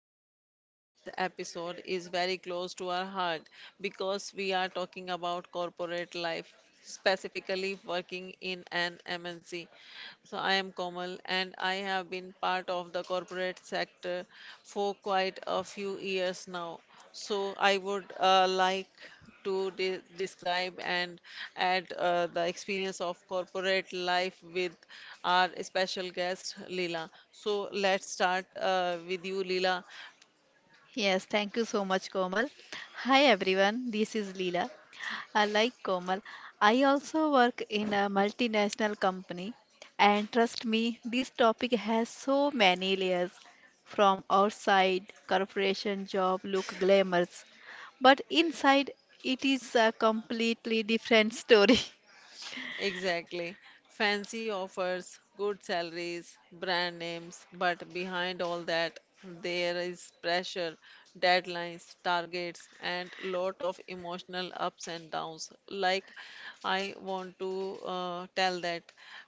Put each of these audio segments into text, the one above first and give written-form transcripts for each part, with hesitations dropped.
podcast. Today's episode is very close to our heart because we are talking about corporate life, specifically working in an MNC. So I am Komal and I have been part of the corporate sector for quite a few years now. So I would like to de describe and add the experience of corporate life with our special guest Leela. So let's start with you, Leela. Yes, thank you so much, Komal. Hi everyone, this is Leela. I like Komal. I also work in a multinational company, and trust me, this topic has so many layers. From outside, corporation job look glamorous, but inside, it is a completely different story. Exactly. Fancy offers, good salaries, brand names, but behind all that, there is pressure, deadlines, targets, and lot of emotional ups and downs. Like I want to tell that.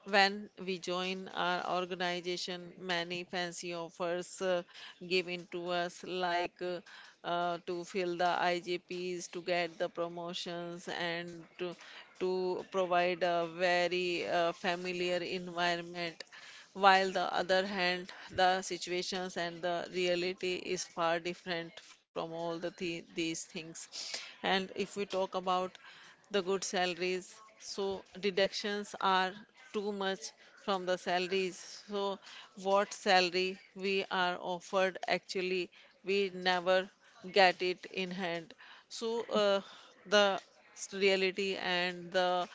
When we join our organization, many fancy offers given to us, like to fill the IJPs, to get the promotions, and to provide a very familiar environment. While the other hand, the situations and the reality is far different from all these things. And if we talk about the good salaries. So deductions are too much from the salaries. So what salary we are offered actually we never get it in hand. So the reality and the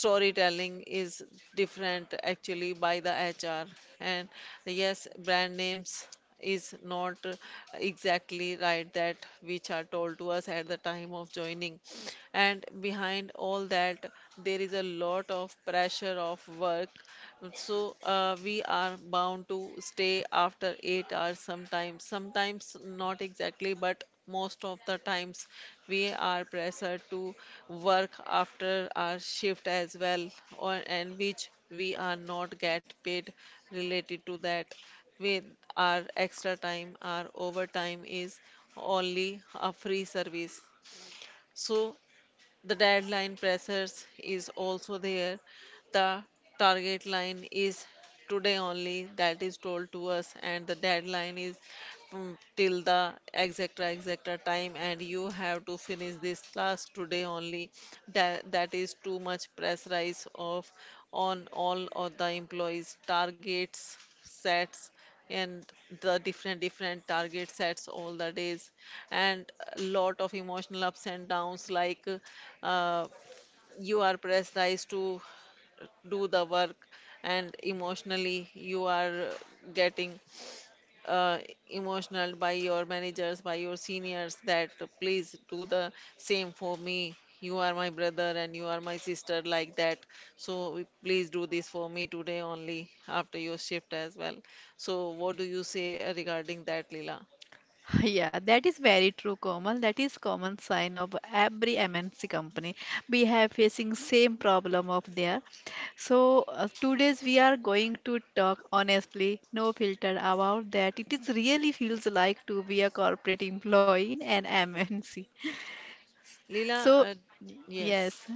storytelling is different actually by the HR. And yes, brand names is not exactly right that which are told to us at the time of joining. And behind all that, there is a lot of pressure of work so we are bound to stay after 8 hours sometimes, sometimes not exactly, but most of the times we are pressured to work after our shift as well, or and which we are not get paid related to that. With our extra time, our overtime is only a free service. So the deadline pressures is also there. The target line is today only that is told to us, and the deadline is till the exact time and you have to finish this class today only, that is too much pressurize of on all of the employees targets sets and the different different target sets all the days and a lot of emotional ups and downs like uh, you are pressurized to do the work and emotionally you are getting uh, emotional by your managers, by your seniors that please do the same for me. You are my brother and you are my sister, like that. So please do this for me today only after your shift as well. So, what do you say regarding that, Leela? Yeah, that is very true, Komal. That is common sign of every MNC company. We have facing same problem of there. Today's we are going to talk honestly, no filter about that. It is really feels like to be a corporate employee in an MNC. Leela, So yes. yes,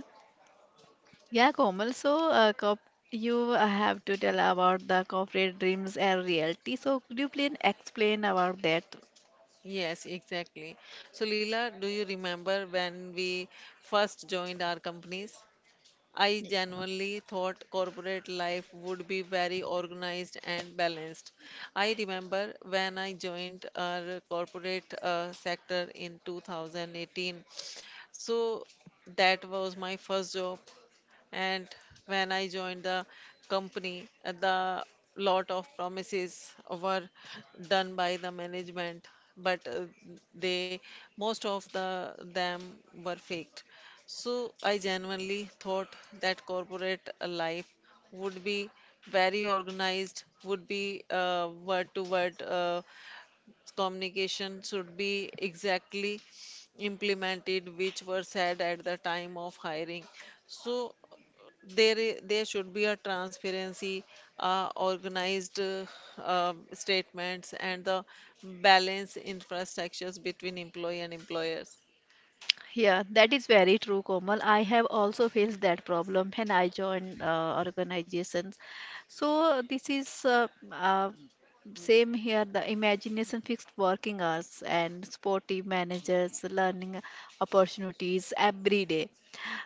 yeah, Komal. So cop you have to tell about the corporate dreams and reality. So could you please explain about that? Yes, exactly. So, Leela, do you remember when we first joined our companies? I genuinely thought corporate life would be very organized and balanced. I remember when I joined our corporate sector in 2018. So that was my first job. And when I joined the company, the lot of promises were done by the management, but they, most of them were faked. So I genuinely thought that corporate life would be very organized, would be word to word communication should be exactly implemented which were said at the time of hiring. So there, there should be a transparency, organized statements and the balance infrastructures between employee and employers. Yeah, that is very true, Komal. I have also faced that problem when I joined organizations. So this is same here. The imagination fixed working hours and sporty managers learning opportunities every day.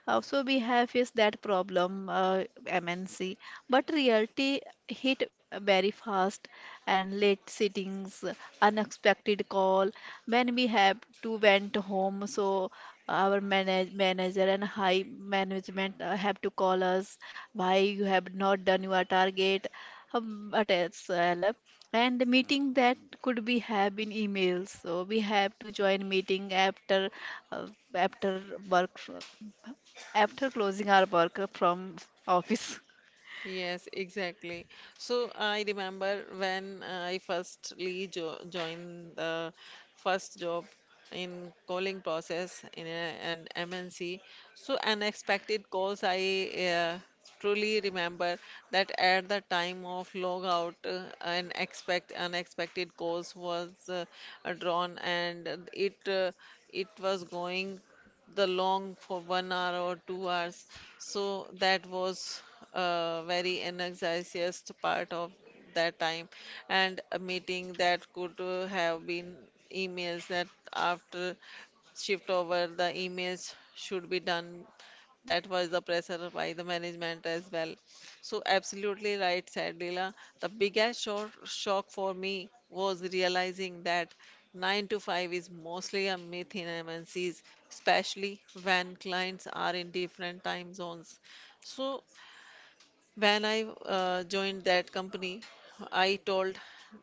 So we have is that problem, MNC. But reality hit very fast and late sittings, unexpected call. When we have to went home, so our manager and high management have to call us why you have not done your target. But and the meeting that could be have in emails. So we have to join meeting uh, after work. f- After closing our work from office. Yes, exactly. So I remember when I firstly jo joined the first job in calling process in an MNC. So unexpected calls I truly remember that at the time of log out, an expect unexpected calls was drawn and it was going the long for 1 hour or 2 hours. So that was a very energizes part of that time. And a meeting that could have been emails that after shift over the emails should be done. That was the pressure by the management as well. So absolutely right, said Leela. The biggest shock for me was realizing that 9 to 5 is mostly a myth in MNCs, especially when clients are in different time zones. So, when I joined that company, I told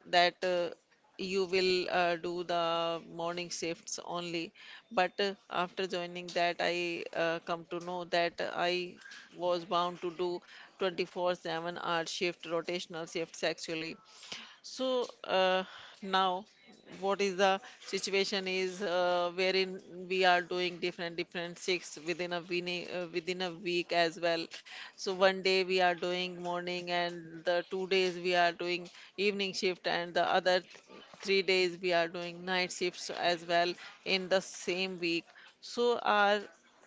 that you will do the morning shifts only. But after joining that, I come to know that I was bound to do 24/7 hour shift, rotational shifts actually. So now, what is the situation is wherein we are doing different different shifts within a week as well. So one day we are doing morning, and the 2 days we are doing evening shift, and the other 3 days we are doing night shifts as well in the same week. So our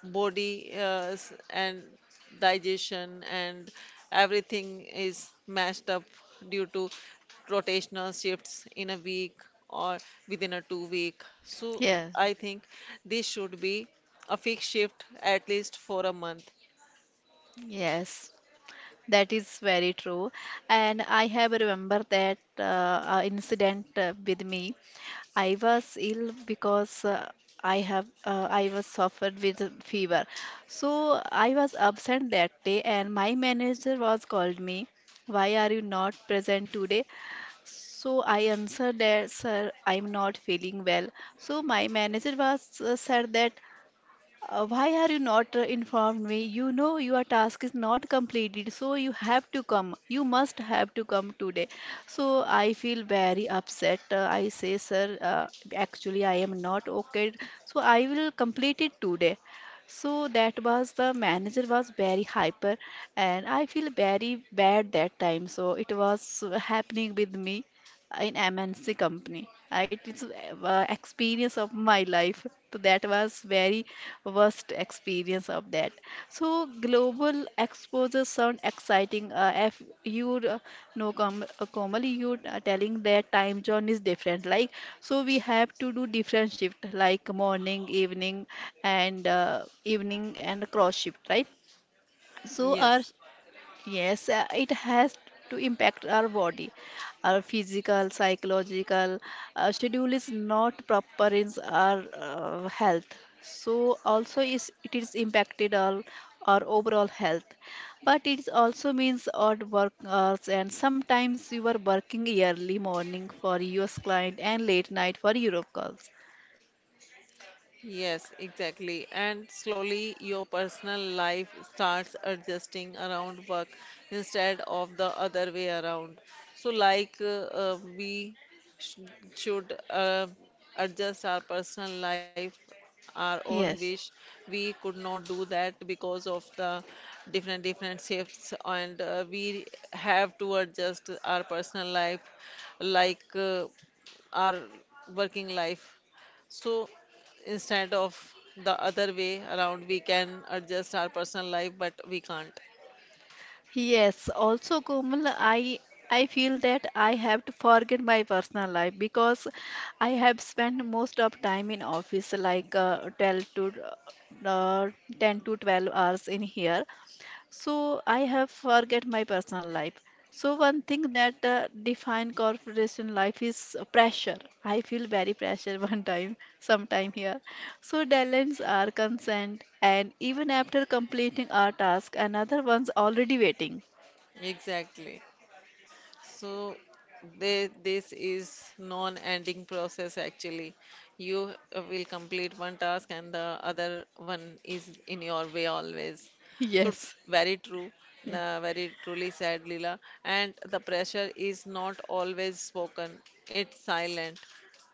body and digestion and everything is mashed up due to rotational shifts in a week or within a 2 week. So Yeah. I think this should be a fixed shift at least for a month. Yes, that is very true, and I have remember that incident with me. I was ill because I was suffered with a fever. So I was absent that day and my manager was called me, why are you not present today? So I answered that, sir, I'm not feeling well. So my manager was said that, why are you not informed me? You know your task is not completed, so you have to come. You must have to come today. So I feel very upset. I say, sir, actually I am not okay. So I will complete it today. So that was the manager was very hyper, and I feel very bad that time. So it was happening with me in MNC company. It is experience of my life. So that was very worst experience of that. So global exposure sound exciting. If you know, com commonly you are telling that time zone is different. Like so, we have to do different shift, like morning, evening, and evening and cross shift, right? So our... Yes. Yes, it has to impact our body. Our physical, psychological schedule is not proper in our health. So also is impacted our overall health. But it also means odd work hours and sometimes you are working early morning for US client and late night for Europe calls. Yes, exactly. And slowly your personal life starts adjusting around work instead of the other way around. So, like, we sh should adjust our personal life, our own Yes. wish. We could not do that because of the different different shifts, and we have to adjust our personal life, like our working life. So instead of the other way around, we can adjust our personal life, but we can't. Yes, also Komal, I feel that I have to forget my personal life because I have spent most of time in office like uh, 12 to uh, 10 to 12 hours in here. So I have forget my personal life. So one thing that define corporation life is pressure. I feel very pressure one time, sometime here. So deadlines are consent, and even after completing our task, another one's already waiting. Exactly. So this is non-ending process actually. You will complete one task and the other one is in your way always. So Yes, very true, very truly said Leela. And the pressure is not always spoken. It's silent.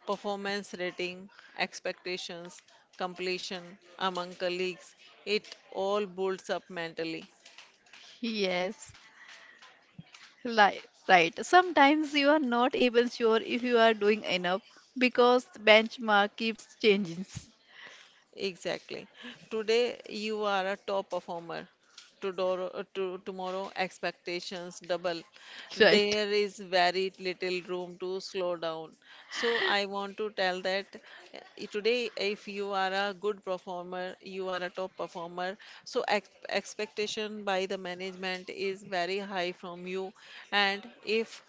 Performance rating, expectations, completion among colleagues, it all builds up mentally. yes, right. Sometimes you are not even sure if you are doing enough because the benchmark keeps changing. Exactly. Today you are a top performer. Tomorrow expectations double. Right. There is very little room to slow down. So I want to tell that today, if you are a good performer, you are a top performer. So ex expectation by the management is very high from you, and if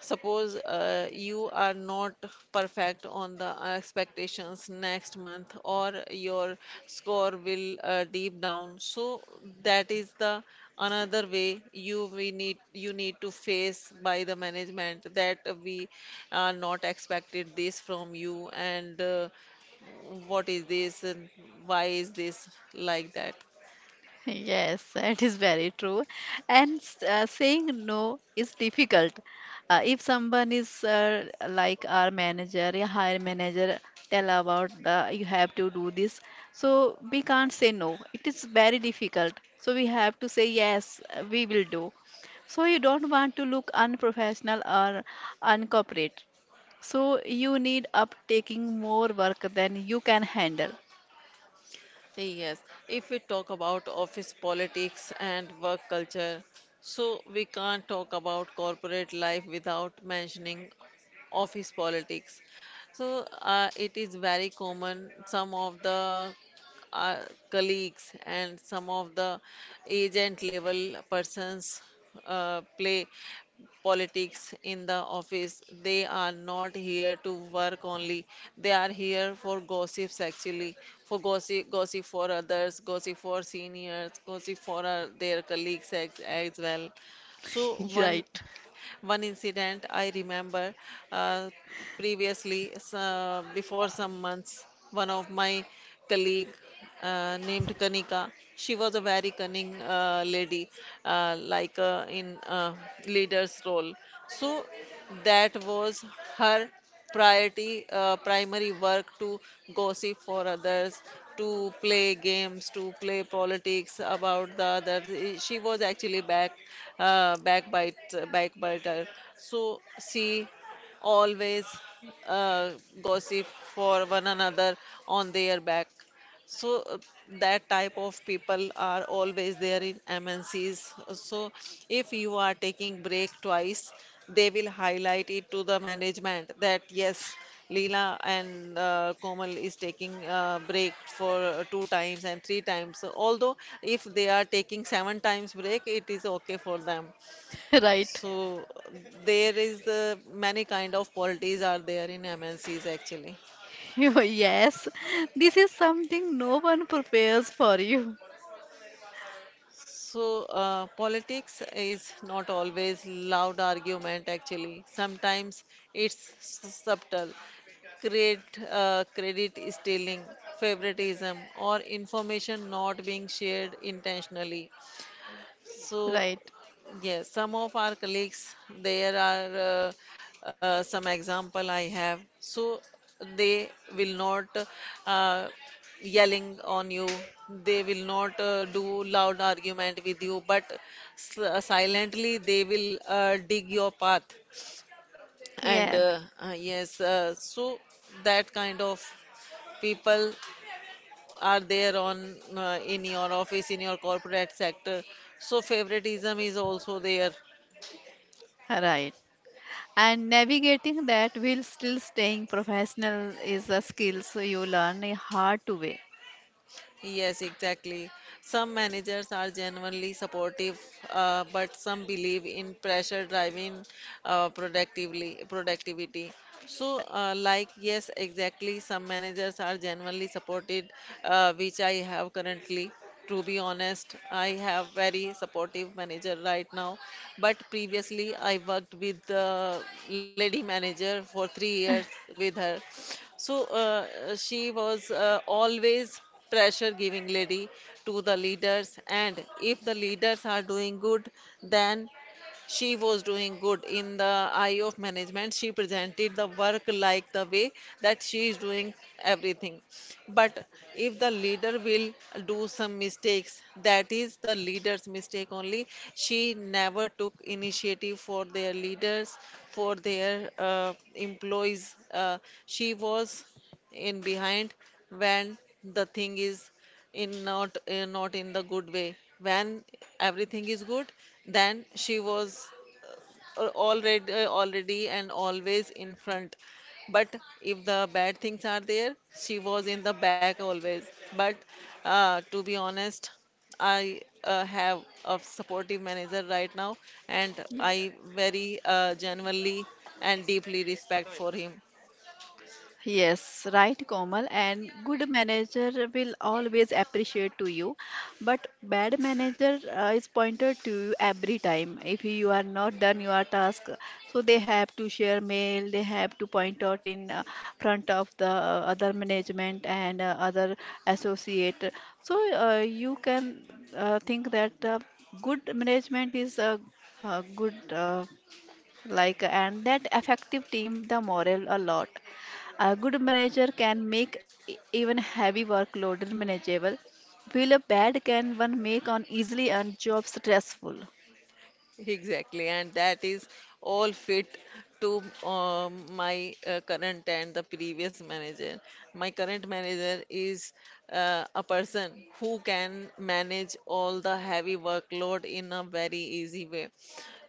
Suppose you are not perfect on the expectations next month, or your score will deep down. So that is the another way you need to face by the management that we are not expected this from you and what is this and why is this like that. Yes, that is very true. And saying no is difficult. If someone is like our manager, a higher manager, tell about the you have to do this. So we can't say no. It is very difficult. So we have to say yes, we will do. So you don't want to look unprofessional or uncorporate. So you need up taking more work than you can handle. Yes, if we talk about office politics and work culture, so we can't talk about corporate life without mentioning office politics. So it is very common. Some of the uh, colleagues and some of the agent level persons play politics in the office. They are not here to work only. They are here for gossips actually, for gossip for others, gossip for seniors, gossip for their colleagues as well. So one Right, one incident I remember uh, previously, before some months, one of my colleague named Kanika, she was a very cunning lady, like in leader's role. So that was her priority primary work to gossip for others, to play games, to play politics about the others. She was actually uh, backbite backbiter. So she always uh, gossip for one another on their back. So that type of people are always there in MNCs. So if you are taking break twice, they will highlight it to the management that yes, Leela and Komal is taking break for 2 times and 3 times. So although if they are taking 7 times break, it is okay for them. right. So there is many kind of policies are there in MNCs actually. Yes, this is something no one prepares for you. So, politics is not always loud argument actually. Sometimes it's subtle. Credit stealing, favoritism, or information not being shared intentionally. So, Right. yes, some of our colleagues, there are some example I have. So they will not uh, yelling on you. They will not do loud argument with you, but silently they will dig your path. And Yes, yes, so that kind of people are there on in your office, in your corporate sector. So favoritism is also there. right. And navigating that while still staying professional is a skill so you learn a hard to way. Yes, exactly. Some managers are genuinely supportive, but some believe in pressure driving productively productivity. So, like yes, exactly. Some managers are genuinely supported, which I have currently. To be honest, I have very supportive manager right now, but previously I worked with the lady manager for 3 years with her. So she was always pressure giving lady to the leaders, and if the leaders are doing good, then she was doing good in the eye of management. She presented the work like the way that she is doing everything. But if the leader will do some mistakes, that is the leader's mistake only. She never took initiative for their leaders, for their employees. She was in behind when the thing is in not not in the good way. When everything is good, then she was already and always in front, but if the bad things are there, she was in the back always. But to be honest, I have a supportive manager right now, and I very genuinely and deeply respect for him. Yes, right, Komal. And good manager will always appreciate to you, but bad manager is pointed to you every time. If you are not done your task, so they have to share mail. They have to point out in front of the other management and other associate. You can think that good management is a, good. Like and that effective team the morale a lot, a good manager can make even heavy workload manageable, while a bad can one make on easily and job stressful. Exactly, and that is all fit to my current and the previous manager. My current manager is a person who can manage all the heavy workload in a very easy way.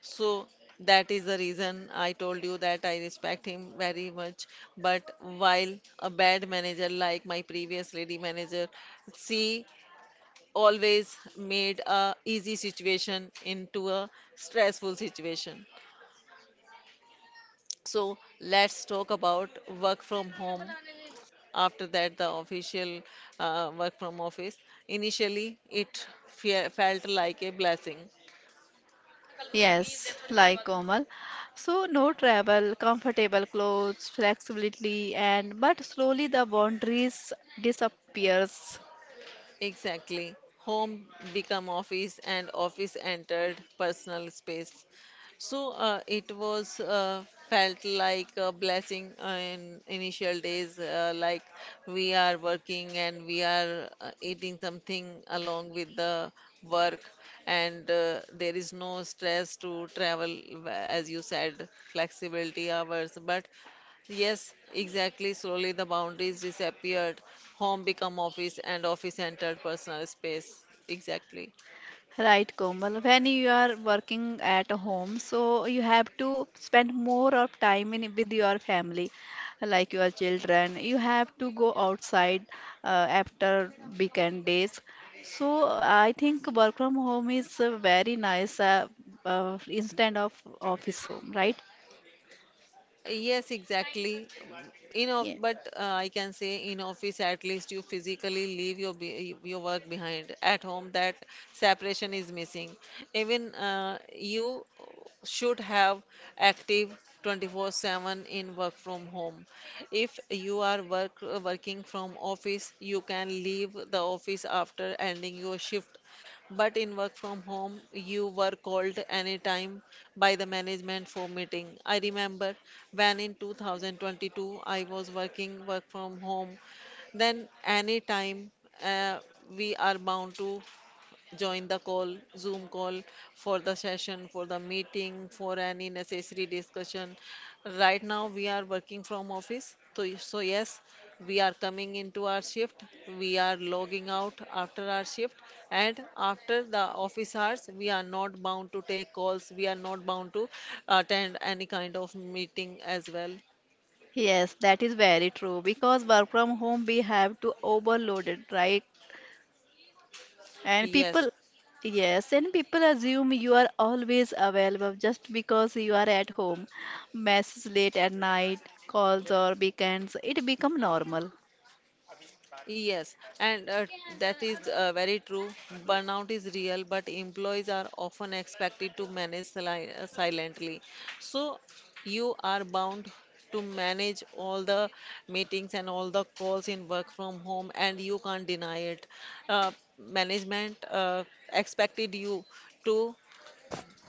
So that is the reason I told you that I respect him very much. But while a bad manager like my previous lady manager, she always made a easy situation into a stressful situation. So let's talk about work from home. After that, the official work from office, initially it felt like a blessing. Yes, like Komal, so no travel, comfortable clothes, flexibility, and but slowly the boundaries disappears. Exactly. Home become office and office entered personal space. So it was felt like a blessing in initial days, like we are working and we are eating something along with the work, and there is no stress to travel, as you said, flexibility hours. But yes, exactly. Slowly the boundaries disappeared. Home become office and office entered personal space. Exactly. Right, Komal. When you are working at home, so you have to spend more of time in with your family, like your children. You have to go outside uh, after weekend days. So I think work from home is very nice instead of office home, right? Yes, exactly. In of, Yeah. but I can say in office at least you physically leave your work behind. At home, that separation is missing. Even you should have active 24/7 in work from home. If you are working from office, you can leave the office after ending your shift, but in work from home, you were called anytime by the management for meeting. I remember when in 2022 I was working work from home, then anytime, uh, we are bound to join the call, Zoom call, for the session, for the meeting, for any necessary discussion. Right now, we are working from office. So, so yes, we are coming into our shift. We are logging out after our shift. And after the office hours, we are not bound to take calls. We are not bound to attend any kind of meeting as well. Yes, that is very true because work from home we have to overload it, right? And Yes. people, yes, and people assume you are always available just because you are at home. Messages late at night, calls or weekends, it become normal. Yes, and that is very true. Burnout is real, but employees are often expected to manage silently. So you are bound to manage all the meetings and all the calls in work from home, and you can't deny it. Uh, management expected you to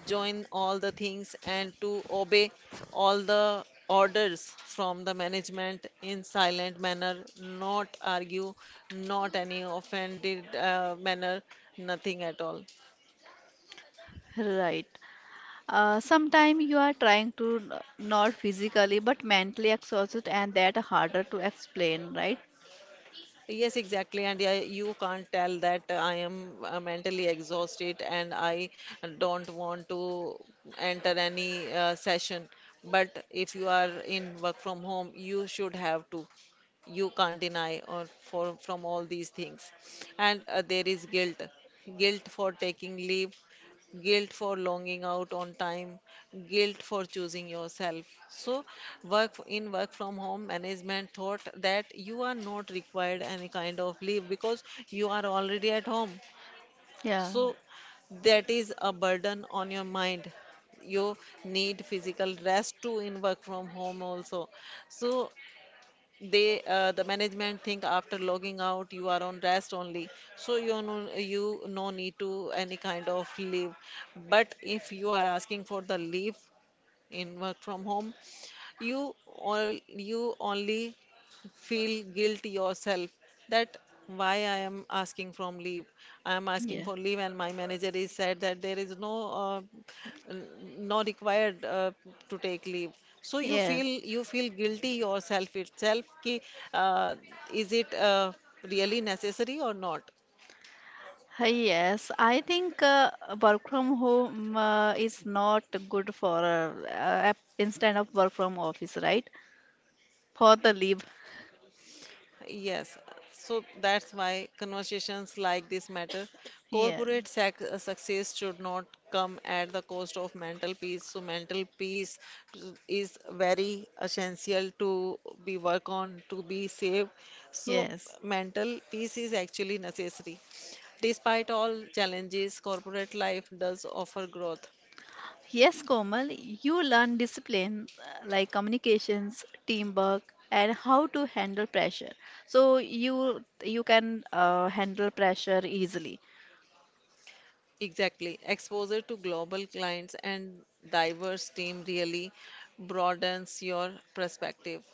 join all the things and to obey all the orders from the management in silent manner, not argue, not any offended manner, nothing at all. Right. Sometime you are trying to not physically but mentally exhausted and that harder to explain, right? Yes, exactly. And yeah, you can't tell that I am mentally exhausted and I don't want to enter any session. But if you are in work from home, you should have to. You can't deny or for from all these things. And there is guilt, guilt for taking leave, guilt for longing out on time, guilt for choosing yourself. So, work in work from home management thought that you are not required any kind of leave because you are already at home. Yeah. So, that is a burden on your mind. You need physical rest too in work from home also. So they, the management think after logging out you are on rest only, so you no need to any kind of leave. But if you are asking for the leave in work from home, you only feel guilty yourself that why I am asking from leave. I am asking Yeah. for leave, and my manager is said that there is no uh, n- no required to take leave. So Yes. You feel guilty yourself itself. Ki, uh, is it really necessary or not? Yes, I think work from home is not good for instead of work from office, right? For the live. Yes, so that's why conversations like this matter. Yes, Corporate sac success should not come at the cost of mental peace. So mental peace is very essential to be work on, to be safe. So yes. mental peace is actually necessary. Despite all challenges, corporate life does offer growth. Yes, Komal, you learn discipline like communications, teamwork, and how to handle pressure. So you can handle pressure easily, Exactly. Exposure to global clients and diverse team really broadens your perspective.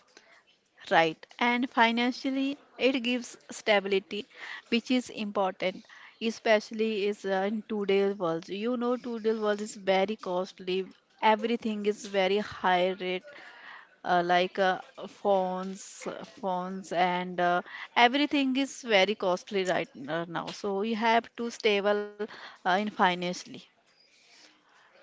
right? And financially, it gives stability, which is important, especially is in today's world. You know, today's world is very costly. Everything is very high rate. Like phones, and everything is very costly right now. So you have to stable in financially.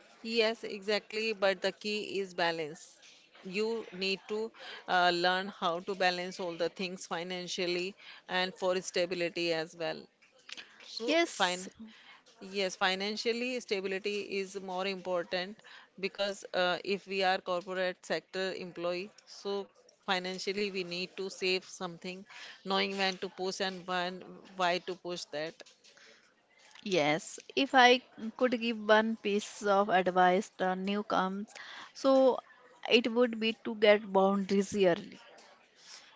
Yes, exactly. But the key is balance. You need to learn how to balance all the things financially and for stability as well. So, Yes, fine. Yes, financially stability is more important, because if we are corporate sector employee, so financially we need to save something, knowing when to push and when why to push that. yes. If I could give one piece of advice to newcomers, so it would be to get boundaries early,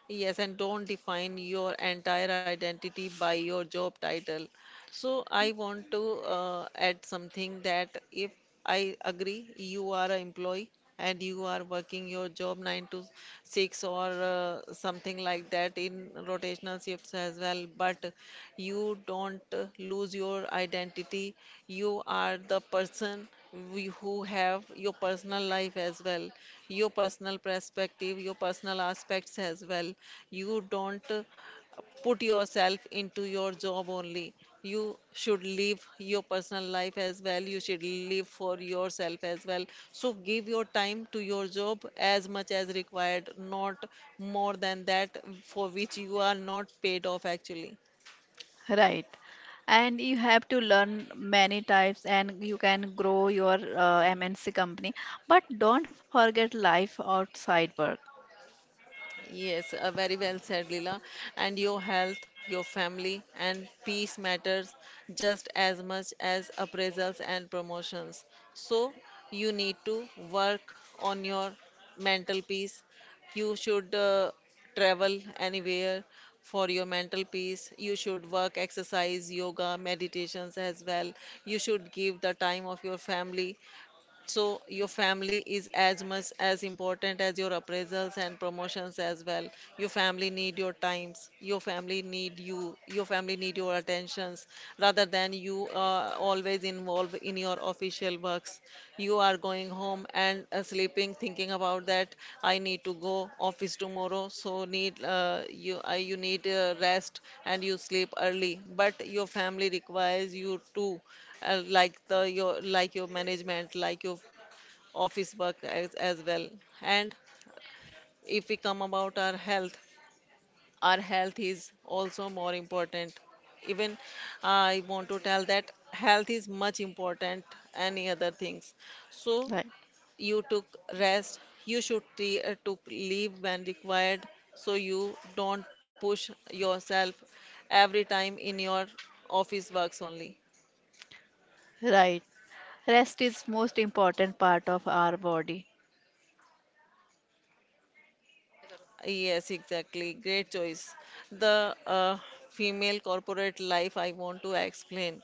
Yes, and don't define your entire identity by your job title. So I want to add something that if I agree, you are an employee and you are working your job 9 to 6 or something like that in rotational shifts as well, but you don't lose your identity. You are the person who have your personal life as well, your personal perspective, your personal aspects as well. You don't put yourself into your job only. You should live your personal life as well. You should live for yourself as well. So give your time to your job as much as required, not more than that for which you are not paid off actually. right? And you have to learn many types, and you can grow your MNC company. But don't forget life outside work, Yes, very well said, Leela. And your health, your family, and peace matters just as much as appraisals and promotions. So you need to work on your mental peace. You should travel anywhere for your mental peace. You should work, exercise, yoga, meditations as well. You should give the time of your family, so your family is as much as important as your appraisals and promotions as well. Your family need your times. Your family need you. Your family need your attentions rather than you always involved in your official works. You are going home and sleeping, thinking about that, I need to go office tomorrow, so need you need rest and you sleep early. But your family requires you to like the your like your management like your office work as well. And if we come about our health, our health is also more important. Even I want to tell that health is much important any other things. So right? you took rest, you should took leave when required, so you don't push yourself every time in your office works only. Right. Rest is most important part of our body, Yes, exactly. Great choice. The female corporate life I want to explain.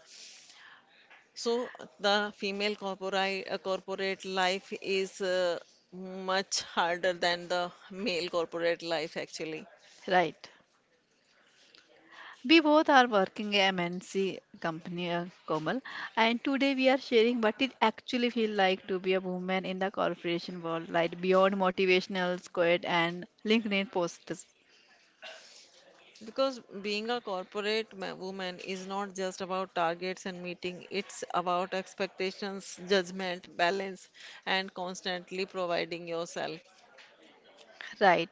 So the female corporate life is much harder than the male corporate life actually. right? We both are working a MNC company, Komal, and today we are sharing what it actually feels like to be a woman in the corporation world, right? Beyond motivational quote and LinkedIn posts, Because being a corporate woman is not just about targets and meeting, it's about expectations, judgment, balance, and constantly providing yourself. right?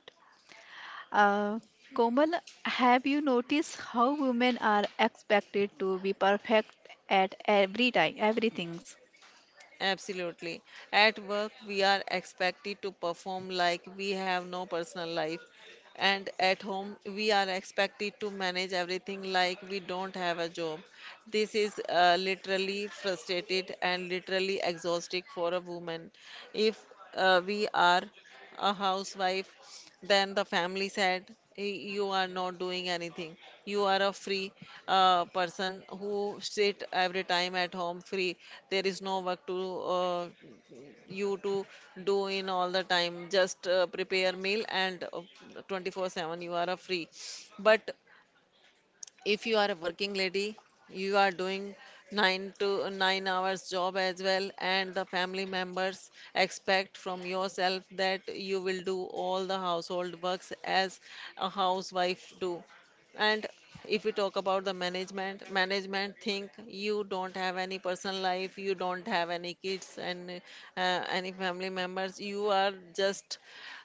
Uh, Komal, have you noticed how women are expected to be perfect at every time, everything? Absolutely. At work, we are expected to perform like we have no personal life. And at home, we are expected to manage everything like we don't have a job. This is literally frustrated and literally exhausting for a woman. If we are a housewife, then the family said, You are not doing anything. You are a free person who sit every time at home free. There is no work to uh, you to do in all the time. Just prepare meal and 24/7 you are a free." But if you are a working lady, you are doing 9 to 9 hours job as well, and the family members expect from yourself that you will do all the household works as a housewife do. And if we talk about the management, management think you don't have any personal life, you don't have any kids and any family members, you are just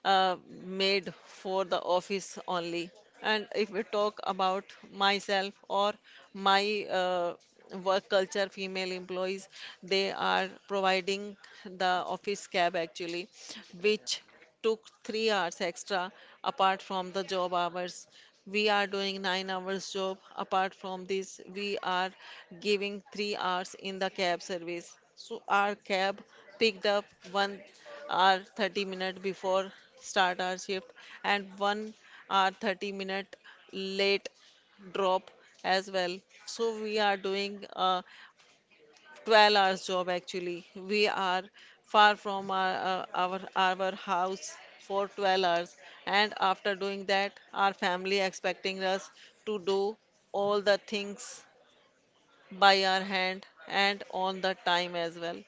uh, made for the office only. And if we talk about myself or my work culture, female employees, they are providing the office cab actually, which took 3 hours extra apart from the job hours. We are doing 9 hours job. Apart from this, we are giving 3 hours in the cab service. So our cab picked up 1 hour 30 minute before start our shift, and 1 hour 30-minute late drop as well. So we are doing a 12 hours job actually. We are far from our our house for 12 hours, and after doing that our family expecting us to do all the things by our hand and on the time as well.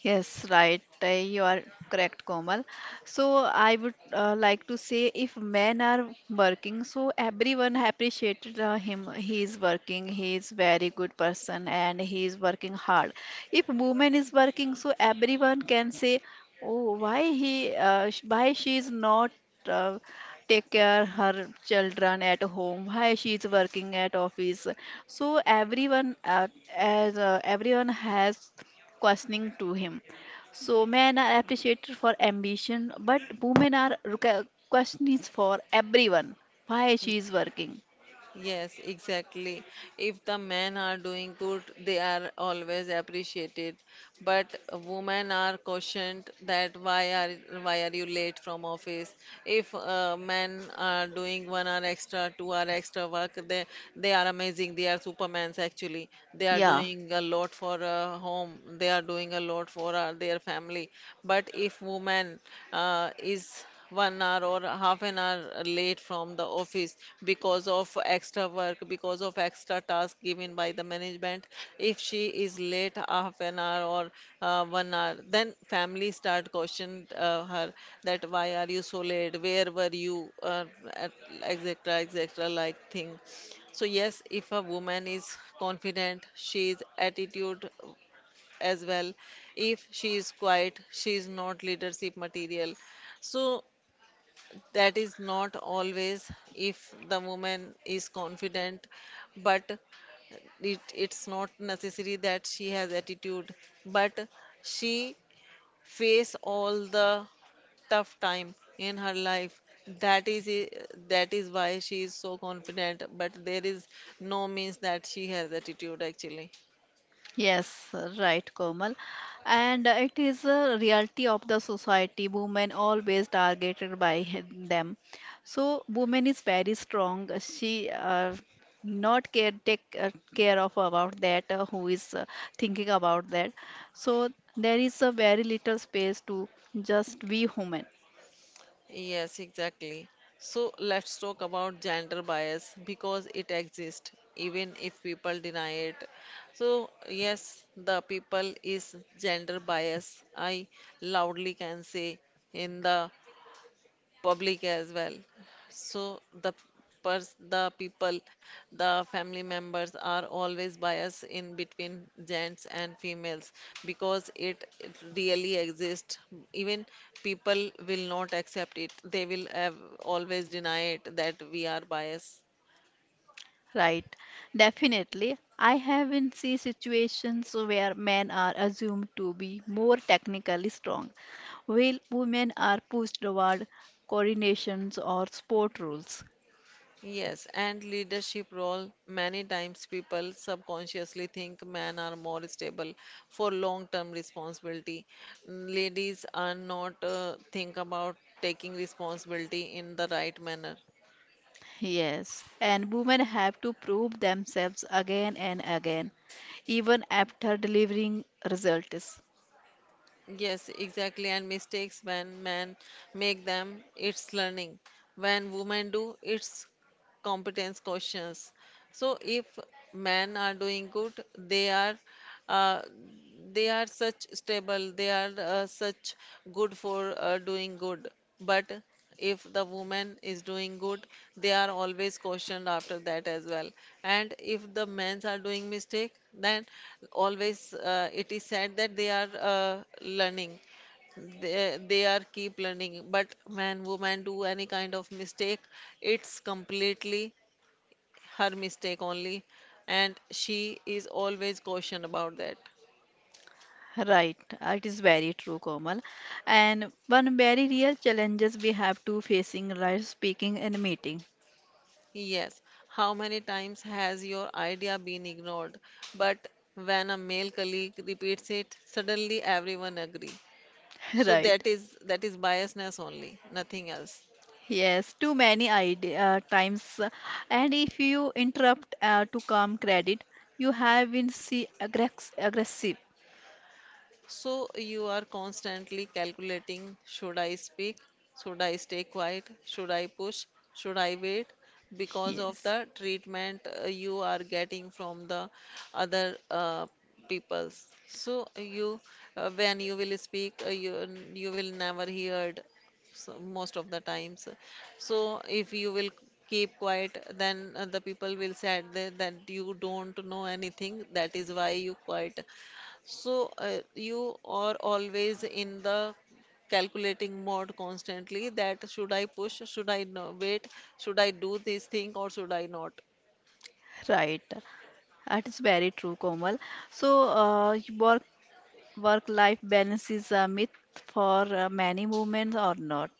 Yes, right. You are correct, Komal. So I would like to say if men are working, so everyone appreciated him. He is working. He is very good person and he is working hard. If woman is working, so everyone can say, oh, why he, why she is not uh, take care her children at home, why she is working at office? So everyone as everyone has questioning to him. So men are appreciated for ambition, but women are questions for everyone. Why she is working? Yes, exactly. If the men are doing good, they are always appreciated. But women are cautioned that why are you late from office? If men are doing 1 hour extra, 2 hour extra work, they are amazing. They are supermans actually. They are Yeah. doing a lot for home. They are doing a lot for their family. But if woman is 1 hour or half an hour late from the office because of extra work, because of extra task given by the management. If she is late half an hour or 1 hour, then family start question her that why are you so late? Where were you? At- Etc. etc. like thing. So yes, if a woman is confident, she is attitude as well. If she is quiet, she is not leadership material. So that is not always. If the woman is confident, but it's not necessary that she has attitude, but she face all the tough time in her life, that is that is why she is so confident, but there is no means that she has attitude actually. Yes, right, Komal. And it is a reality of the society. Women always targeted by them. So woman is very strong. She not care take care of about that who is thinking about that. So there is a very little space to just we human. Yes, exactly. So let's talk about gender bias, because it exists even if people deny it. So, yes, the people is gender bias. I loudly can say in the public as well, so the the people, the family members are always biased in between gents and females, because it really exists. Even people will not accept it, they will have always deny it that we are biased. Right, definitely. I have been see situations where men are assumed to be more technically strong, while women are pushed toward coordinations or sport rules. Yes, and leadership role. Many times people subconsciously think men are more stable for long-term responsibility. Mm, ladies are not think about taking responsibility in the right manner. Yes, and women have to prove themselves again and again, even after delivering results. Yes, exactly. And mistakes when men make them, it's learning. When women do, it's competence questions. So if men are doing good, uh, they are such stable, they are such good for doing good. But if the woman is doing good, they are always questioned after that as well. And if the men are doing mistake, then always it is said that they are learning, they are keep learning. But when woman do any kind of mistake, it's completely her mistake only, and she is always caution about that. Right, it is very true, Komal. And one very real challenges we have to facing right speaking and meeting. Yes, how many times has your idea been ignored? But when a male colleague repeats it, suddenly everyone agree. So Right. that is biasness only, nothing else. Yes, too many times. And if you interrupt to come credit, you have been see aggressive. So you are constantly calculating, should I speak? Should I stay quiet? Should I push? Should I wait? Because of Yes, the treatment you are getting from the other peoples. So you, when you will speak, you will never heard, so most of the times. So if you will keep quiet, then the people will say that, that you don't know anything. That is why you quiet. So, you are always in the calculating mode constantly, that should I push, should I, no, wait, should I do this thing or should I not? right. That is very true, Komal. So, work work life balance is a myth for many women or not.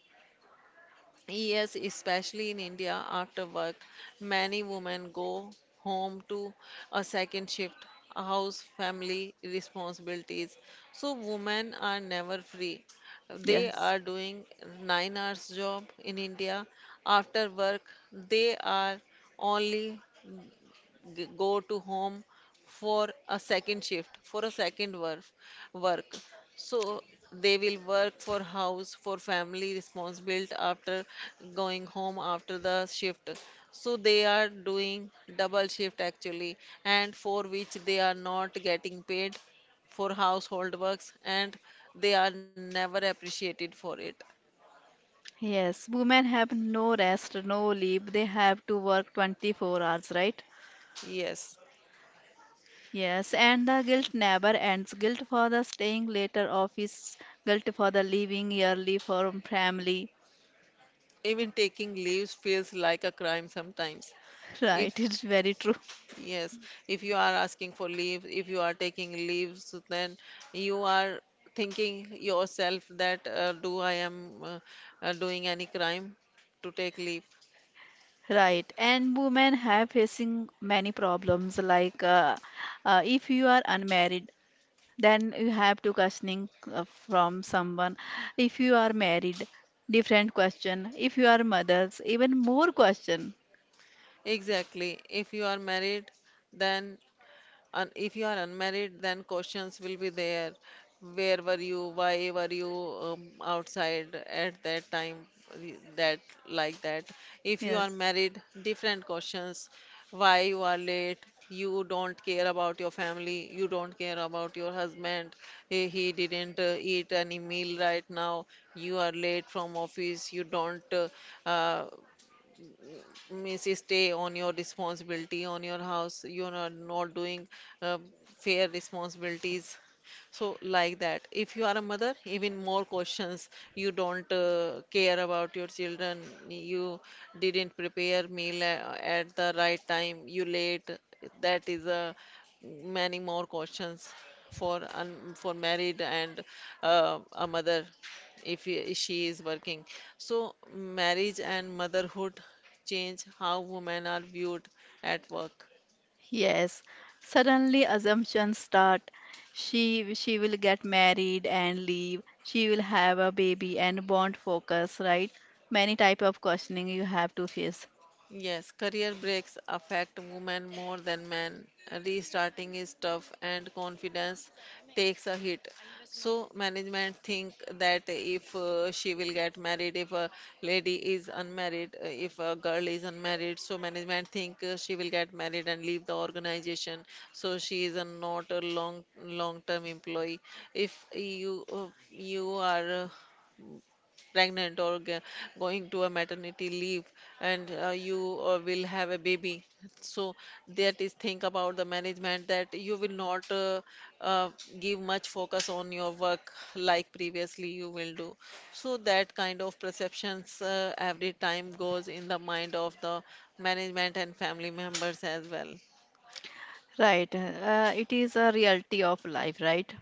Yes, especially in India. After work, many women go home to a second shift, a house, family responsibilities. So, women are never free. They Yes. are doing 9 hours job in India. After work, they are only go to home for a second shift, for a second work work, so they will work for house, for family responsibility, after going home after the shift. So they are doing double shift actually, and for which they are not getting paid for household works, and they are never appreciated for it. Yes, women have no rest, no leave. They have to work 24 hours, right? Yes, Yes, and the guilt never ends. Guilt for the staying later office, guilt for the leaving early from family. even taking leaves feels like a crime sometimes. Right, If it's very true. Yes, if you are asking for leave, if you are taking leaves, then you are thinking yourself that, do I am doing any crime to take leave? Right, and women have facing many problems like if you are unmarried, then you have to questioning from someone. If you are married, different question. If you are mothers, even more question. Exactly. If you are married, then. And if you are unmarried, then questions will be there. Where were you? Why were you outside at that time? That, like that. If you are Yes. married, different questions. Why you are late? You don't care about your family. You don't care about your husband. He didn't eat any meal right now. You are late from office. You don't uh, means stay on your responsibility on your house. You're not doing uh, fair responsibilities. So like that, if you are a mother, even more questions. You don't care about your children. You didn't prepare meal at the right time, you late. That is a many more questions for for married, and a mother if she is working. So marriage and motherhood change how women are viewed at work. Yes, suddenly assumptions start. She will get married and leave. She will have a baby and bond focus, right? Many type of questioning you have to face, Yes, career breaks affect women more than men. Restarting is tough and confidence takes a hit. So management think that if she will get married, if a lady is unmarried, if a girl is unmarried, so management think she will get married and leave the organization. So she is a not a long long term employee. If you are pregnant or going to a maternity leave, and you will have a baby, so that is think about the management, that you will not uh, give much focus on your work like previously you will do. So that kind of perceptions every time goes in the mind of the management and family members as well. right? It is a reality of life, right?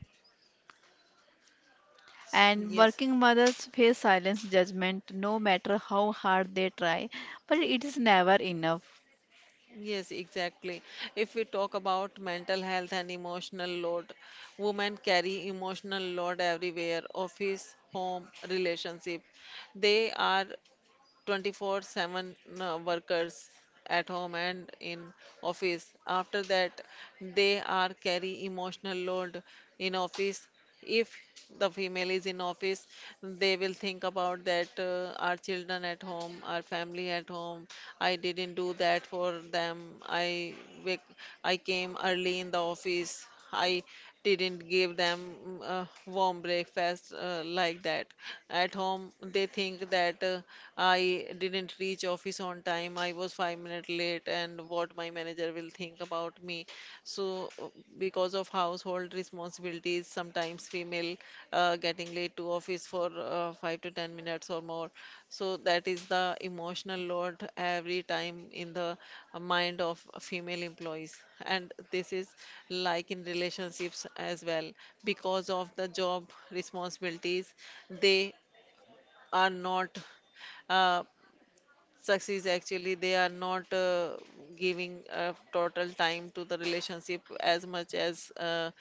And Yes. working mothers face silence judgment no matter how hard they try, but it is never enough. Yes, exactly. If we talk about mental health and emotional load, women carry emotional load everywhere, office, home, relationship. They are 24/7 workers at home and in office. After that, they are carry emotional load in office. If the female is in office, they will think about that, our children at home, our family at home, I didn't do that for them. I wake, I came early in the office, I didn't give them, mm, a warm breakfast, like that. At home, they think that, I didn't reach office on time, I was 5 minutes late, and what my manager will think about me. So, because of household responsibilities, sometimes female getting late to office for 5 to 10 minutes or more. So that is the emotional load every time in the mind of female employees. And this is like in relationships as well, because of the job responsibilities, they are not uh, success actually, they are not giving total time to the relationship as much as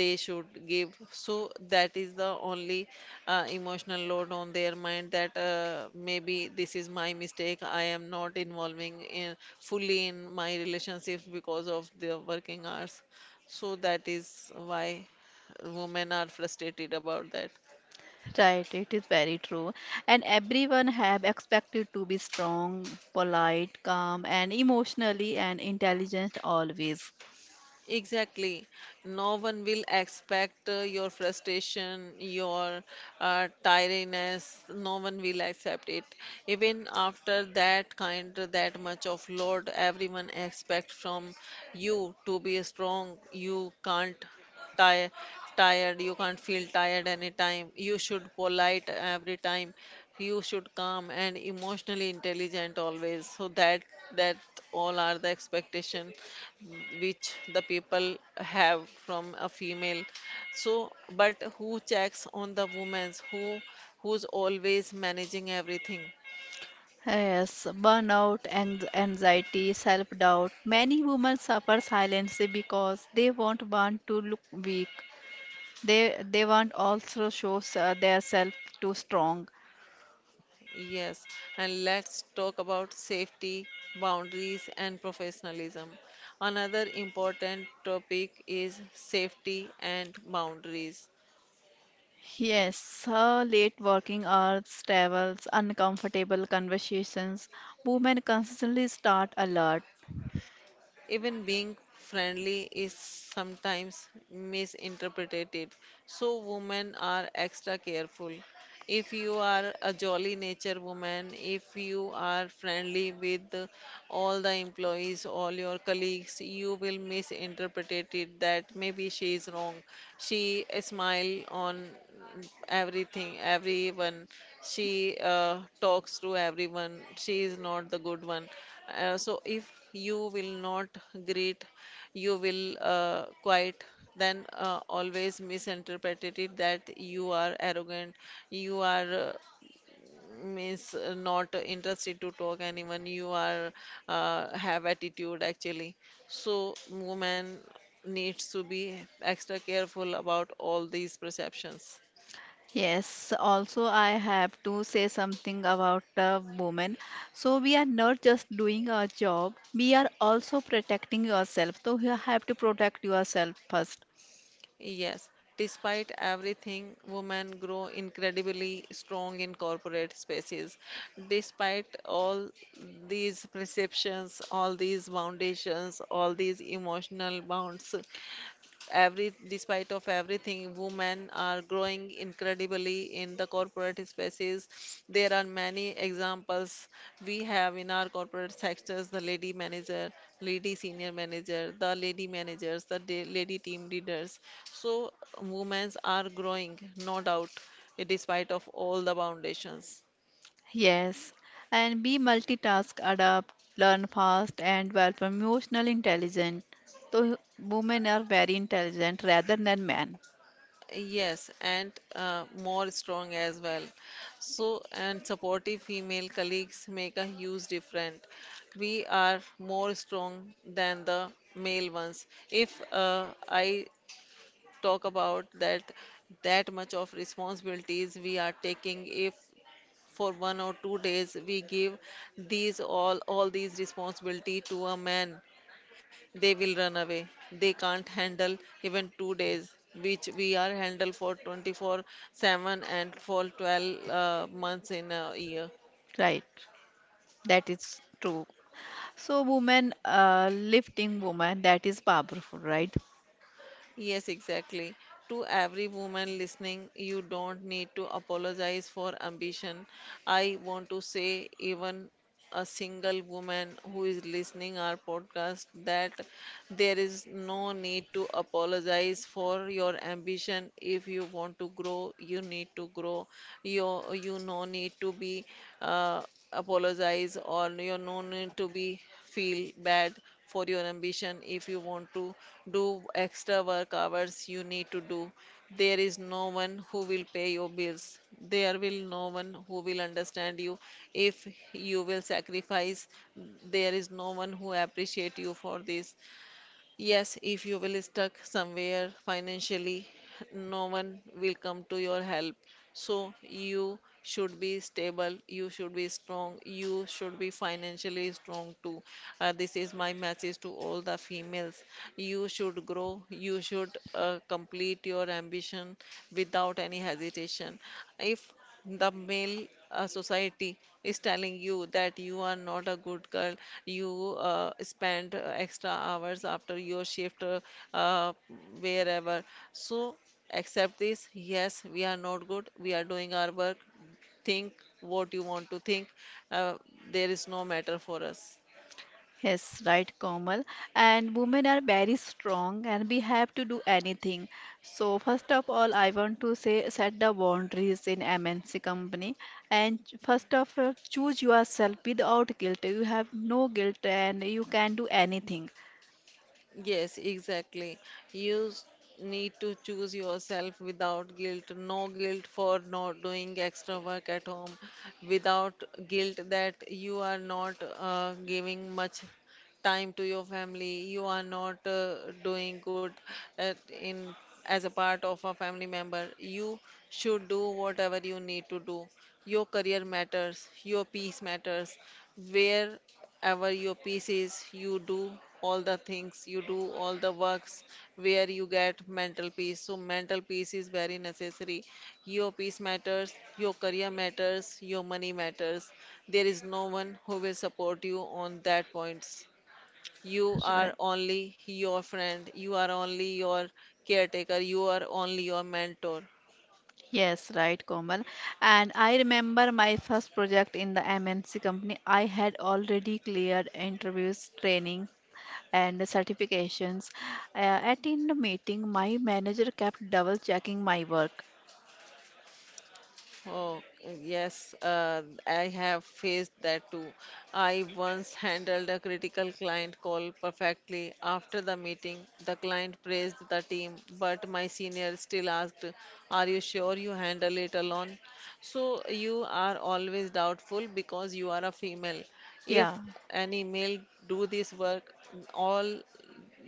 they should give. So that is the only emotional load on their mind, that maybe this is my mistake, I am not involving in fully in my relationships because of the working hours. So that is why women are frustrated about that. Right, it is very true. And everyone have expected to be strong, polite, calm, and emotionally and intelligent always. Exactly. No one will expect your frustration, your tiredness. No one will accept it. Even after that kind, that much of load, everyone expect from you to be strong. You can't tire, tired. You can't feel tired anytime. You should polite every time. You should calm and emotionally intelligent always. So that that all are the expectation which the people have from a female. So, but who checks on the women's, who who's always managing everything? Yes, burnout, anxiety, self-doubt. Many women suffer silently because they won't want to look weak. They want also shows their self too strong. Yes, and let's talk about safety, boundaries and professionalism. Another important topic is safety and boundaries. Yes, late working hours, travels, uncomfortable conversations. Women constantly start alert. Even being friendly is sometimes misinterpreted, so women are extra careful. If you are a jolly nature woman, if you are friendly with all the employees, all your colleagues, you will misinterpret it that maybe she is wrong. She smile on everything, everyone. She talks to everyone. She is not the good one. So if you will not greet, you will quiet, then always misinterpreted it that you are arrogant, you are means not interested to talk anyone, you are have attitude actually. So woman needs to be extra careful about all these perceptions. Yes, also I have to say something about the women. So we are not just doing our job, we are also protecting yourself. So you have to protect yourself first. Yes, despite everything, women grow incredibly strong in corporate spaces. Despite all these perceptions, all these foundations, all these emotional bonds, every despite of everything, women are growing incredibly in the corporate spaces. There are many examples we have in our corporate sectors, the lady manager, lady senior manager, the lady managers, the lady team leaders. So women are growing, no doubt, despite of all the foundations. Yes, and be multitask, adapt, learn fast, and develop emotional intelligence. So women are very intelligent rather than men. Yes, and more strong as well. So, and supportive female colleagues make a huge difference. We are more strong than the male ones. If I talk about that, that much of responsibilities we are taking, if for 1 or 2 days we give these all these responsibility to a man, they will run away. They can't handle even 2 days, which we are handle for 24/7 and for 12 months in a year. Right, that is true. So women, lifting woman, that is powerful, right? Yes, exactly. To every woman listening, you don't need to apologize for ambition. I want to say, even a single woman who is listening our podcast, that there is no need to apologize for your ambition. If you want to grow, you need to grow. You no need to be uh, apologize, or you no need to be feel bad for your ambition. If you want to do extra work hours, you need to do. There is no one who will pay your bills. There will no one who will understand you. If you will sacrifice, there is no one who appreciate you for this. Yes, if you will stuck somewhere financially, no one will come to your help. So you should be stable, you should be strong, you should be financially strong too. This is my message to all the females. You should grow, you should complete your ambition without any hesitation. If the male society is telling you that you are not a good girl, you spend extra hours after your shift uh, wherever. So Accept this. Yes, we are not good. We are doing our work. Think what you want to think. Uh, there is no matter for us. Yes, right, Komal. And women are very strong and we have to do anything. So, first of all, I want to say set the boundaries in MNC company. And first of all, choose yourself without guilt. You have no guilt and you can do anything. Yes, exactly. You need to choose yourself without guilt. No guilt for not doing extra work at home, without guilt that you are not giving much time to your family, you are not doing good in as a part of a family member. You should do whatever you need to do. Your career matters, your peace matters. Where ever your piece is, you do all the things, you do all the works where you get mental peace. So, mental peace is very necessary. Your peace matters, your career matters, your money matters. There is no one who will support you on that points. You are Right. only your friend, you are only your caretaker, you are only your mentor. Yes, right, Komal. And I remember my first project in the MNC company. I had already cleared interviews, training, and certifications. At in the meeting, my manager kept double checking my work. Oh, yes, I have faced that too. I once handled a critical client call perfectly. After the meeting, the client praised the team, but my senior still asked, are you sure you handle it alone? So you are always doubtful because you are a female. Yeah, If any male do this work, all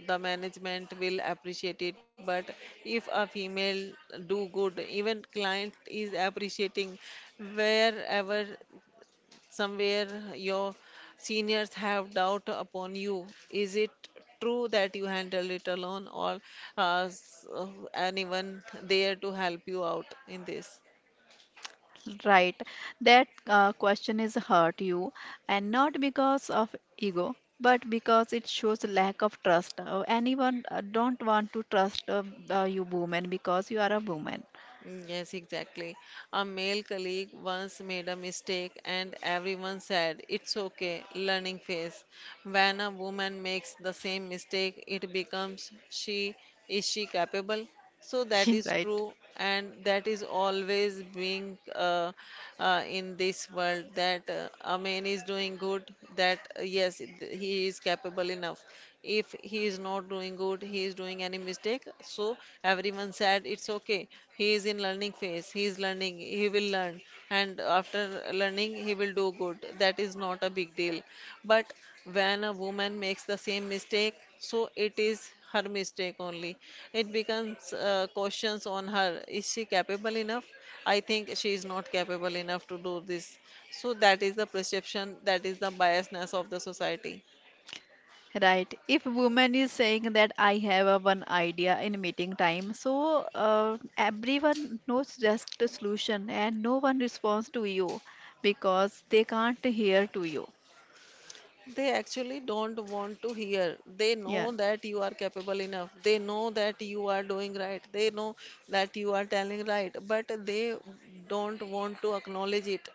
the management will appreciate it, but if a female do good, even client is appreciating, wherever, somewhere, your seniors have doubt upon you. Is it true that you handle it alone, or uh, s- uh, anyone there to help you out in this? right. That question is hurt you, and not because of ego, but because it shows lack of trust. Anyone don't want to trust you woman because you are a woman, Mm, yes, exactly. A male colleague once made a mistake, and everyone said, it's okay, learning phase. When a woman makes the same mistake, it becomes, she capable? So that is right? true, and that is always being in this world, that a man is doing good, that yes, he is capable enough. If he is not doing good, he is doing any mistake, so everyone said it's okay, he is in learning phase, he is learning, he will learn, and after learning he will do good, that is not a big deal. But when a woman makes the same mistake, so it is her mistake only. It becomes questions on her, is she capable enough? I think she is not capable enough to do this. So that is the perception, that is the biasness of the society. Right. If woman is saying that I have a one idea in meeting time, so everyone knows just the solution and no one responds to you because they can't hear to you. They actually don't want to hear. They Yeah. know that you are capable enough. They know that you are doing right. They know that you are telling right, but they don't want to acknowledge it.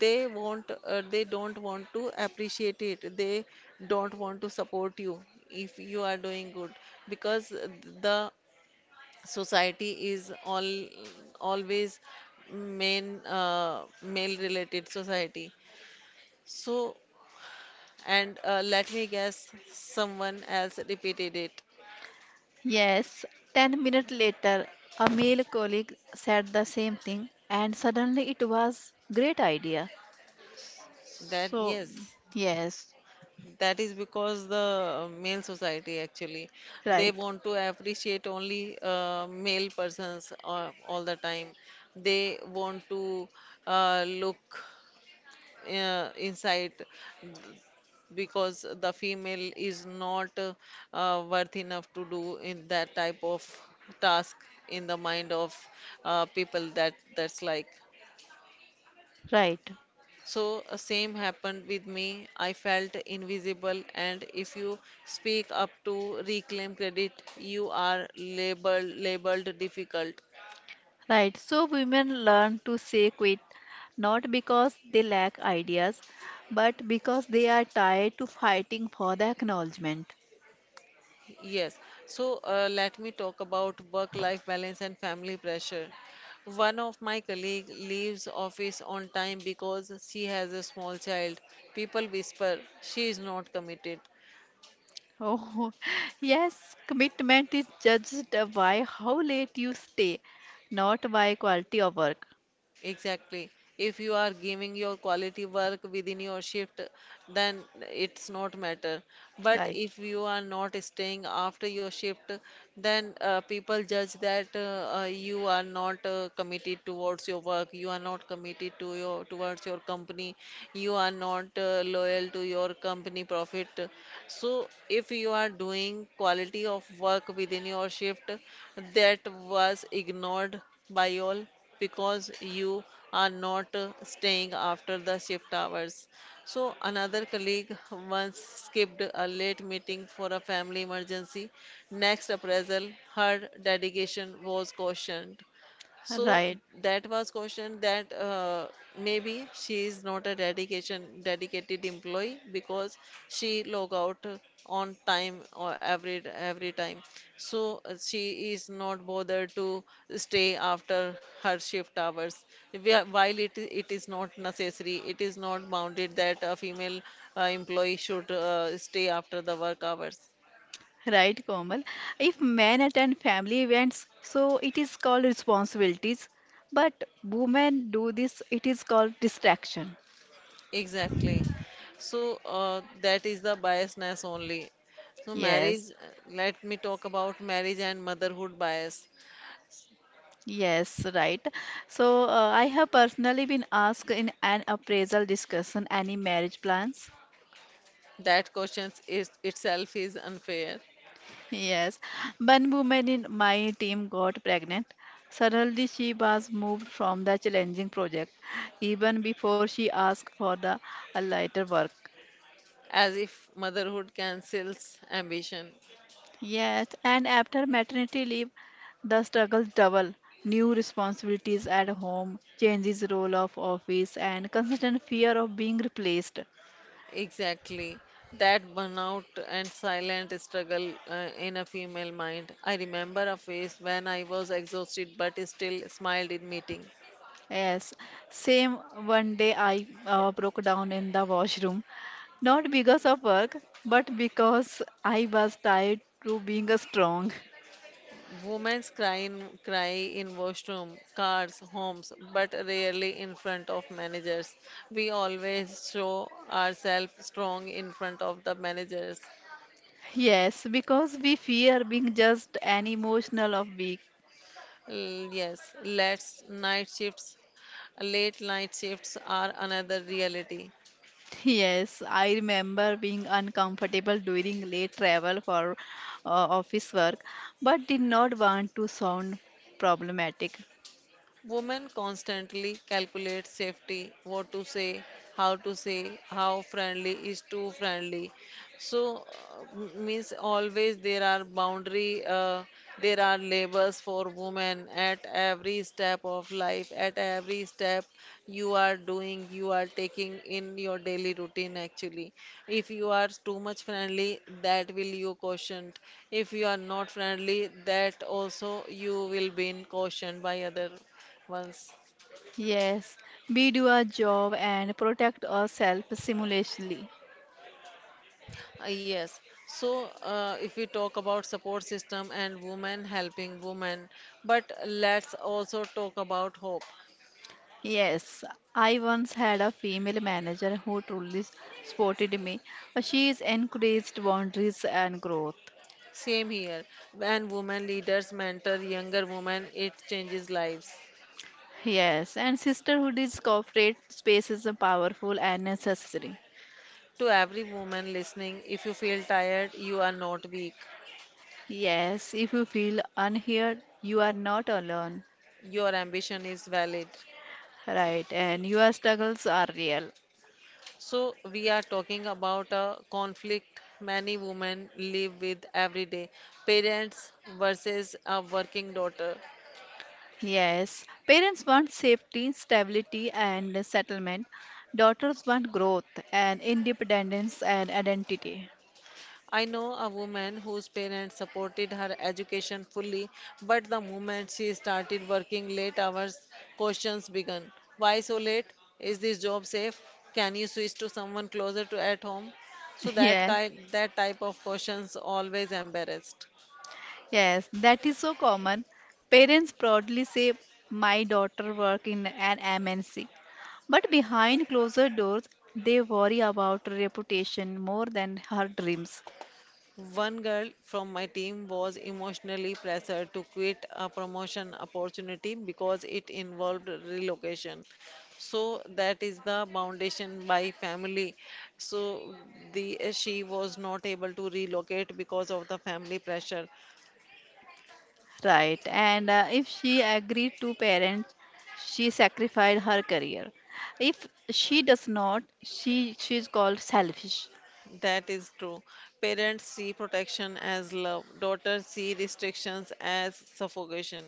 They want, they don't want to appreciate it. They don't want to support you if you are doing good, because the society is all always main male related society. So, and let me guess, someone else repeated it. Yes. 10 minutes later, a male colleague said the same thing and suddenly it was great idea. That, So yes, yes, that is because the male society actually, they right, want to appreciate only male persons all the time. They want to look inside, because the female is not worth enough to do in that type of task, in the mind of people, that that's like. right. So, same happened with me. I felt invisible, and if you speak up to reclaim credit, you are labeled difficult. Right, so women learn to say quit, not because they lack ideas, but because they are tired to fighting for the acknowledgement. Yes. So, let me talk about work-life balance and family pressure. One of my colleague leaves office on time because she has a small child. People whisper she is not committed. Oh, yes, commitment is judged by how late you stay, not by quality of work. Exactly. If you are giving your quality work within your shift, then it's not matter. But Right, if you are not staying after your shift, then people judge that you are not committed towards your work. You are not committed to your towards your company. You are not loyal to your company profit. So if you are doing quality of work within your shift, that was ignored by all, because you are not staying after the shift hours. So, another colleague once skipped a late meeting for a family emergency. Next appraisal, her dedication was cautioned. So right, that was question that maybe she is not a dedication dedicated employee because she log out on time or every time. So she is not bothered to stay after her shift hours. While it is not necessary, it is not bounded that a female employee should stay after the work hours. right, Komal. If men attend family events, so it is called responsibilities, but women do this, it is called distraction. Exactly. So that is the biasness only. So marriage, Yes. let me talk about marriage and motherhood bias. Yes, right. So I have personally been asked in an appraisal discussion any marriage plans. That question is itself is unfair, Yes, one woman in my team got pregnant. Suddenly, she was moved from the challenging project, even before she asked for the lighter work. as if motherhood cancels ambition. Yes, and after maternity leave, the struggle double. New responsibilities at home, changes role of office, and constant fear of being replaced. Exactly. That burnout and silent struggle in a female mind. I remember a phase when I was exhausted but still smiled in meeting. Yes, same one day I broke down in the washroom, not because of work, but because I was tired to being a strong. Women's cry in washroom, cars, homes, but rarely in front of managers. We always show ourselves strong in front of the managers. Yes, because we fear being just an emotional of weak. L- yes, let's night shifts, late night shifts are another reality. Yes, I remember being uncomfortable during late travel for office work, but did not want to sound problematic. Women constantly calculate safety, what to say, how friendly is too friendly. So, means always there are boundary, there are labors for women at every step of life, at every step you are doing, you are taking in your daily routine actually. If you are too much friendly, that will you cautioned. If you are not friendly, that also you will be cautioned by other ones. Yes, we do our job and protect ourselves simultaneously. Yes. So, if we talk about support system and women helping women, but let's also talk about hope. Yes, I once had a female manager who truly supported me. She is encouraged boundaries and growth. Same here. When women leaders mentor younger women, it changes lives. Yes, and sisterhood is corporate spaces are powerful and necessary. To every woman listening, if you feel tired, you are not weak. Yes, if you feel unheard, you are not alone. Your ambition is valid. Right, and your struggles are real. So, we are talking about a conflict many women live with every day, parents versus a working daughter. Yes, parents want safety, stability, and settlement. Daughters want growth and independence and identity. I know a woman whose parents supported her education fully, but the moment she started working late hours, questions began. Why so late? Is this job safe? Can you switch to someone closer to at home? So that Yeah. That type of questions always embarrassed. Yes, that is so common. Parents proudly say, My daughter work in an MNC. But behind closed doors, they worry about reputation more than her dreams. One girl from my team was emotionally pressured to quit a promotion opportunity because it involved relocation. So that is the foundation by family. So the she was not able to relocate because of the family pressure. Right, and if she agreed to parents, she sacrificed her career. If she does not, she is called selfish. That is true. Parents see protection as love. Daughters see restrictions as suffocation.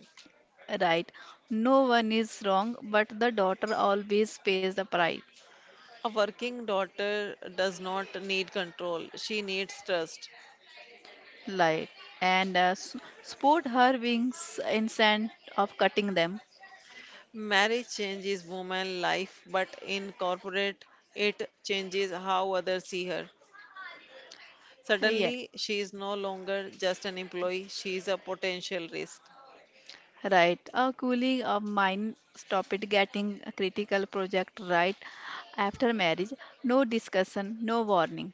Right, no one is wrong, but the daughter always pays the price. A working daughter does not need control. She needs trust. Like and sport her wings instead of cutting them. Marriage changes woman's life, but in corporate, it changes how others see her. Yeah, Suddenly, she is no longer just an employee, she is a potential risk. right. A cooling of mind. Stop it getting a critical project right after marriage. No discussion, no warning.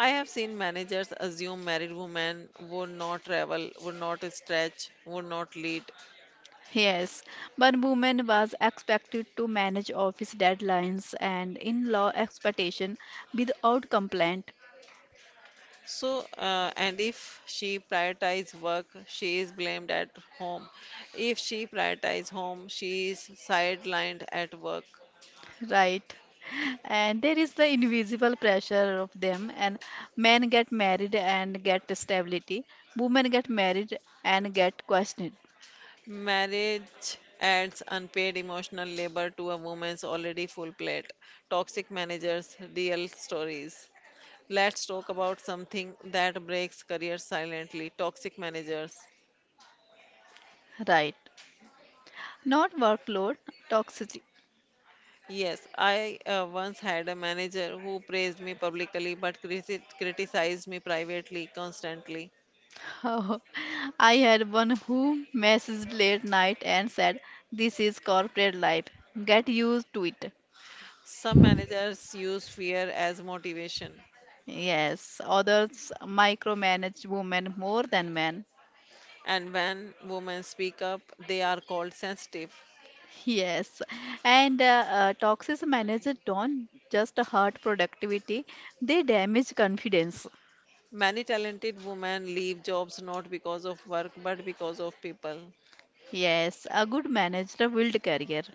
I have seen managers assume married women would not travel, would not stretch, would not lead. Yes, one woman was expected to manage office deadlines and in-law expectation without complaint. So, and if she prioritizes work, she is blamed at home. If she prioritizes home, she is sidelined at work. Right. And there is the invisible pressure of them. And men get married and get stability. Women get married and get questioned. Marriage adds unpaid emotional labor to a woman's already full plate. Toxic managers, real stories. Let's talk about something that breaks careers silently, toxic managers. Right. Not workload, toxicity. Yes, I once had a manager who praised me publicly but criticized me privately constantly. Oh, I had one who messaged late night and said, This is corporate life. Get used to it. Some managers use fear as motivation, Yes, others micromanage women more than men. and when women speak up, they are called sensitive. Yes, and toxic managers don't just hurt productivity, they damage confidence. Many talented women leave jobs not because of work but because of people. Yes, a good manager build career.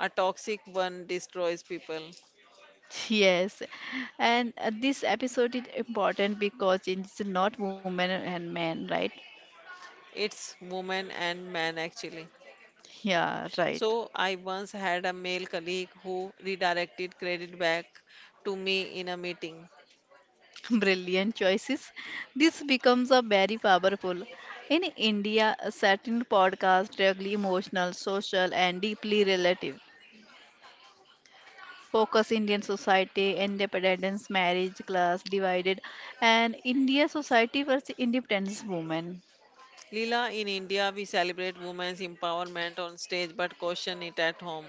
A toxic one destroys people. Yes, and this episode is important because it's not women and men, right? It's women and men actually. Yeah, right. So I once had a male colleague who redirected credit back to me in a meeting. Brilliant choices. This becomes a very powerful. In India, a certain podcast, really emotional, social, and deeply relative. Focus Indian society, independence, marriage, class divided, and India society was independence woman. Leela, in India we celebrate women's empowerment on stage but caution it at home.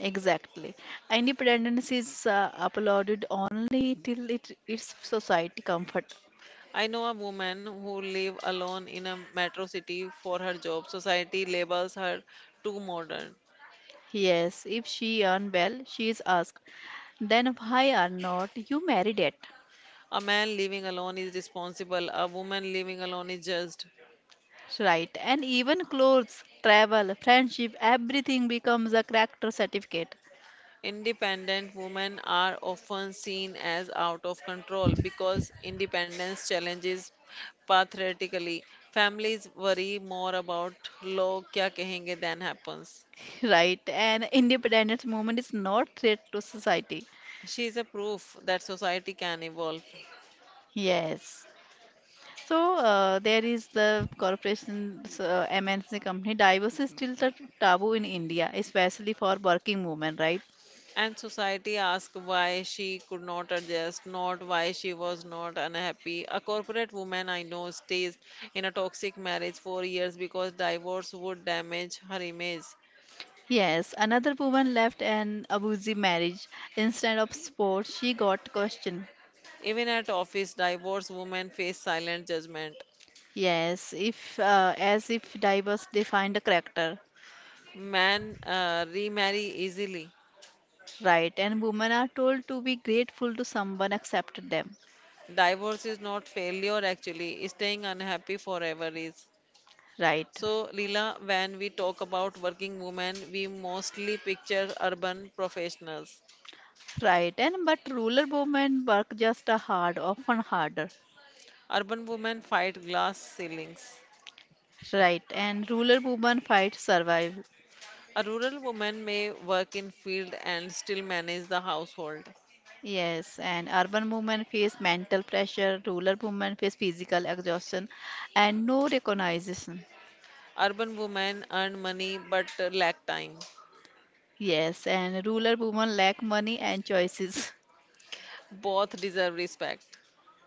Exactly, independence is applauded only till it its society comfort. I know a woman who lives alone in a metro city for her job. Society labels her too modern. Yes, if she earn well, she is asked. Then why are not you married yet? A man living alone is responsible, a woman living alone is judged. Right, and even clothes, travel, friendship, everything becomes a character certificate. Independent women are often seen as out of control because independence challenges patriarchally. Families worry more about log kya kahenge than happens. Right, and independence movement is not threat to society. She is a proof that society can evolve. Yes. So there is the corporations, MNC company. Divorce is still the taboo in India, especially for working women, right? And society asked why she could not adjust, not why she was not unhappy. A corporate woman I know stays in a toxic marriage for years because divorce would damage her image. Yes, another woman left an abusive marriage. Instead of support, she got question. Even at office, divorced women face silent judgment. Yes, if as if divorce defined a character, Men remarry easily. right? And women are told to be grateful to someone accepted them, Divorce is not failure actually, staying unhappy forever is. right? So, Leela, when we talk about working women, we mostly picture urban professionals. Right. And but rural women work just a hard, often harder. Urban women fight glass ceilings. Right, and rural women fight survive. A rural woman may work in field and still manage the household. Yes, and urban women face mental pressure, rural women face physical exhaustion, and no recognition. Urban women earn money but lack time. Yes, and rural women lack money and choices. Both deserve respect.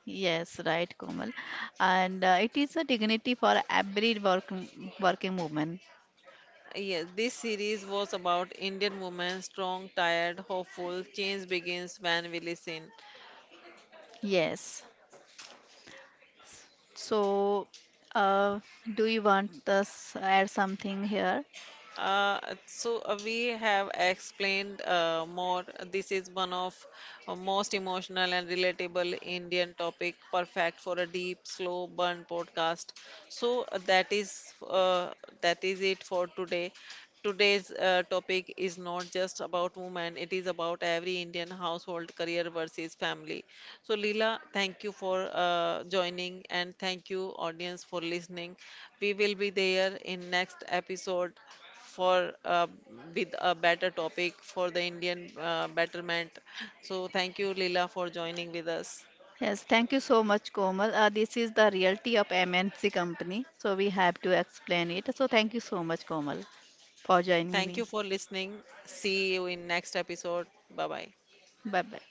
Yes, right, Komal. And it is a dignity for every working woman. Yes, this series was about Indian women, strong, tired, hopeful. Change begins when we listen. Yes. So, uh, do you want us add something here? Uh, so we have explained more. This is one of most emotional and relatable Indian topic, perfect for a deep, slow burn podcast. So that is it for today. Today's topic is not just about women; it is about every Indian household, career versus family. So Leela, thank you for joining, and thank you audience for listening. We will be there in next episode for with a better topic for the Indian betterment. So thank you, Leela, for joining with us. Yes, thank you so much, Komal. This is the realty of MNC company, so we have to explain it. So thank you so much, Komal, for Thank you joining for me. listening. See you in next episode. Bye bye. Bye bye.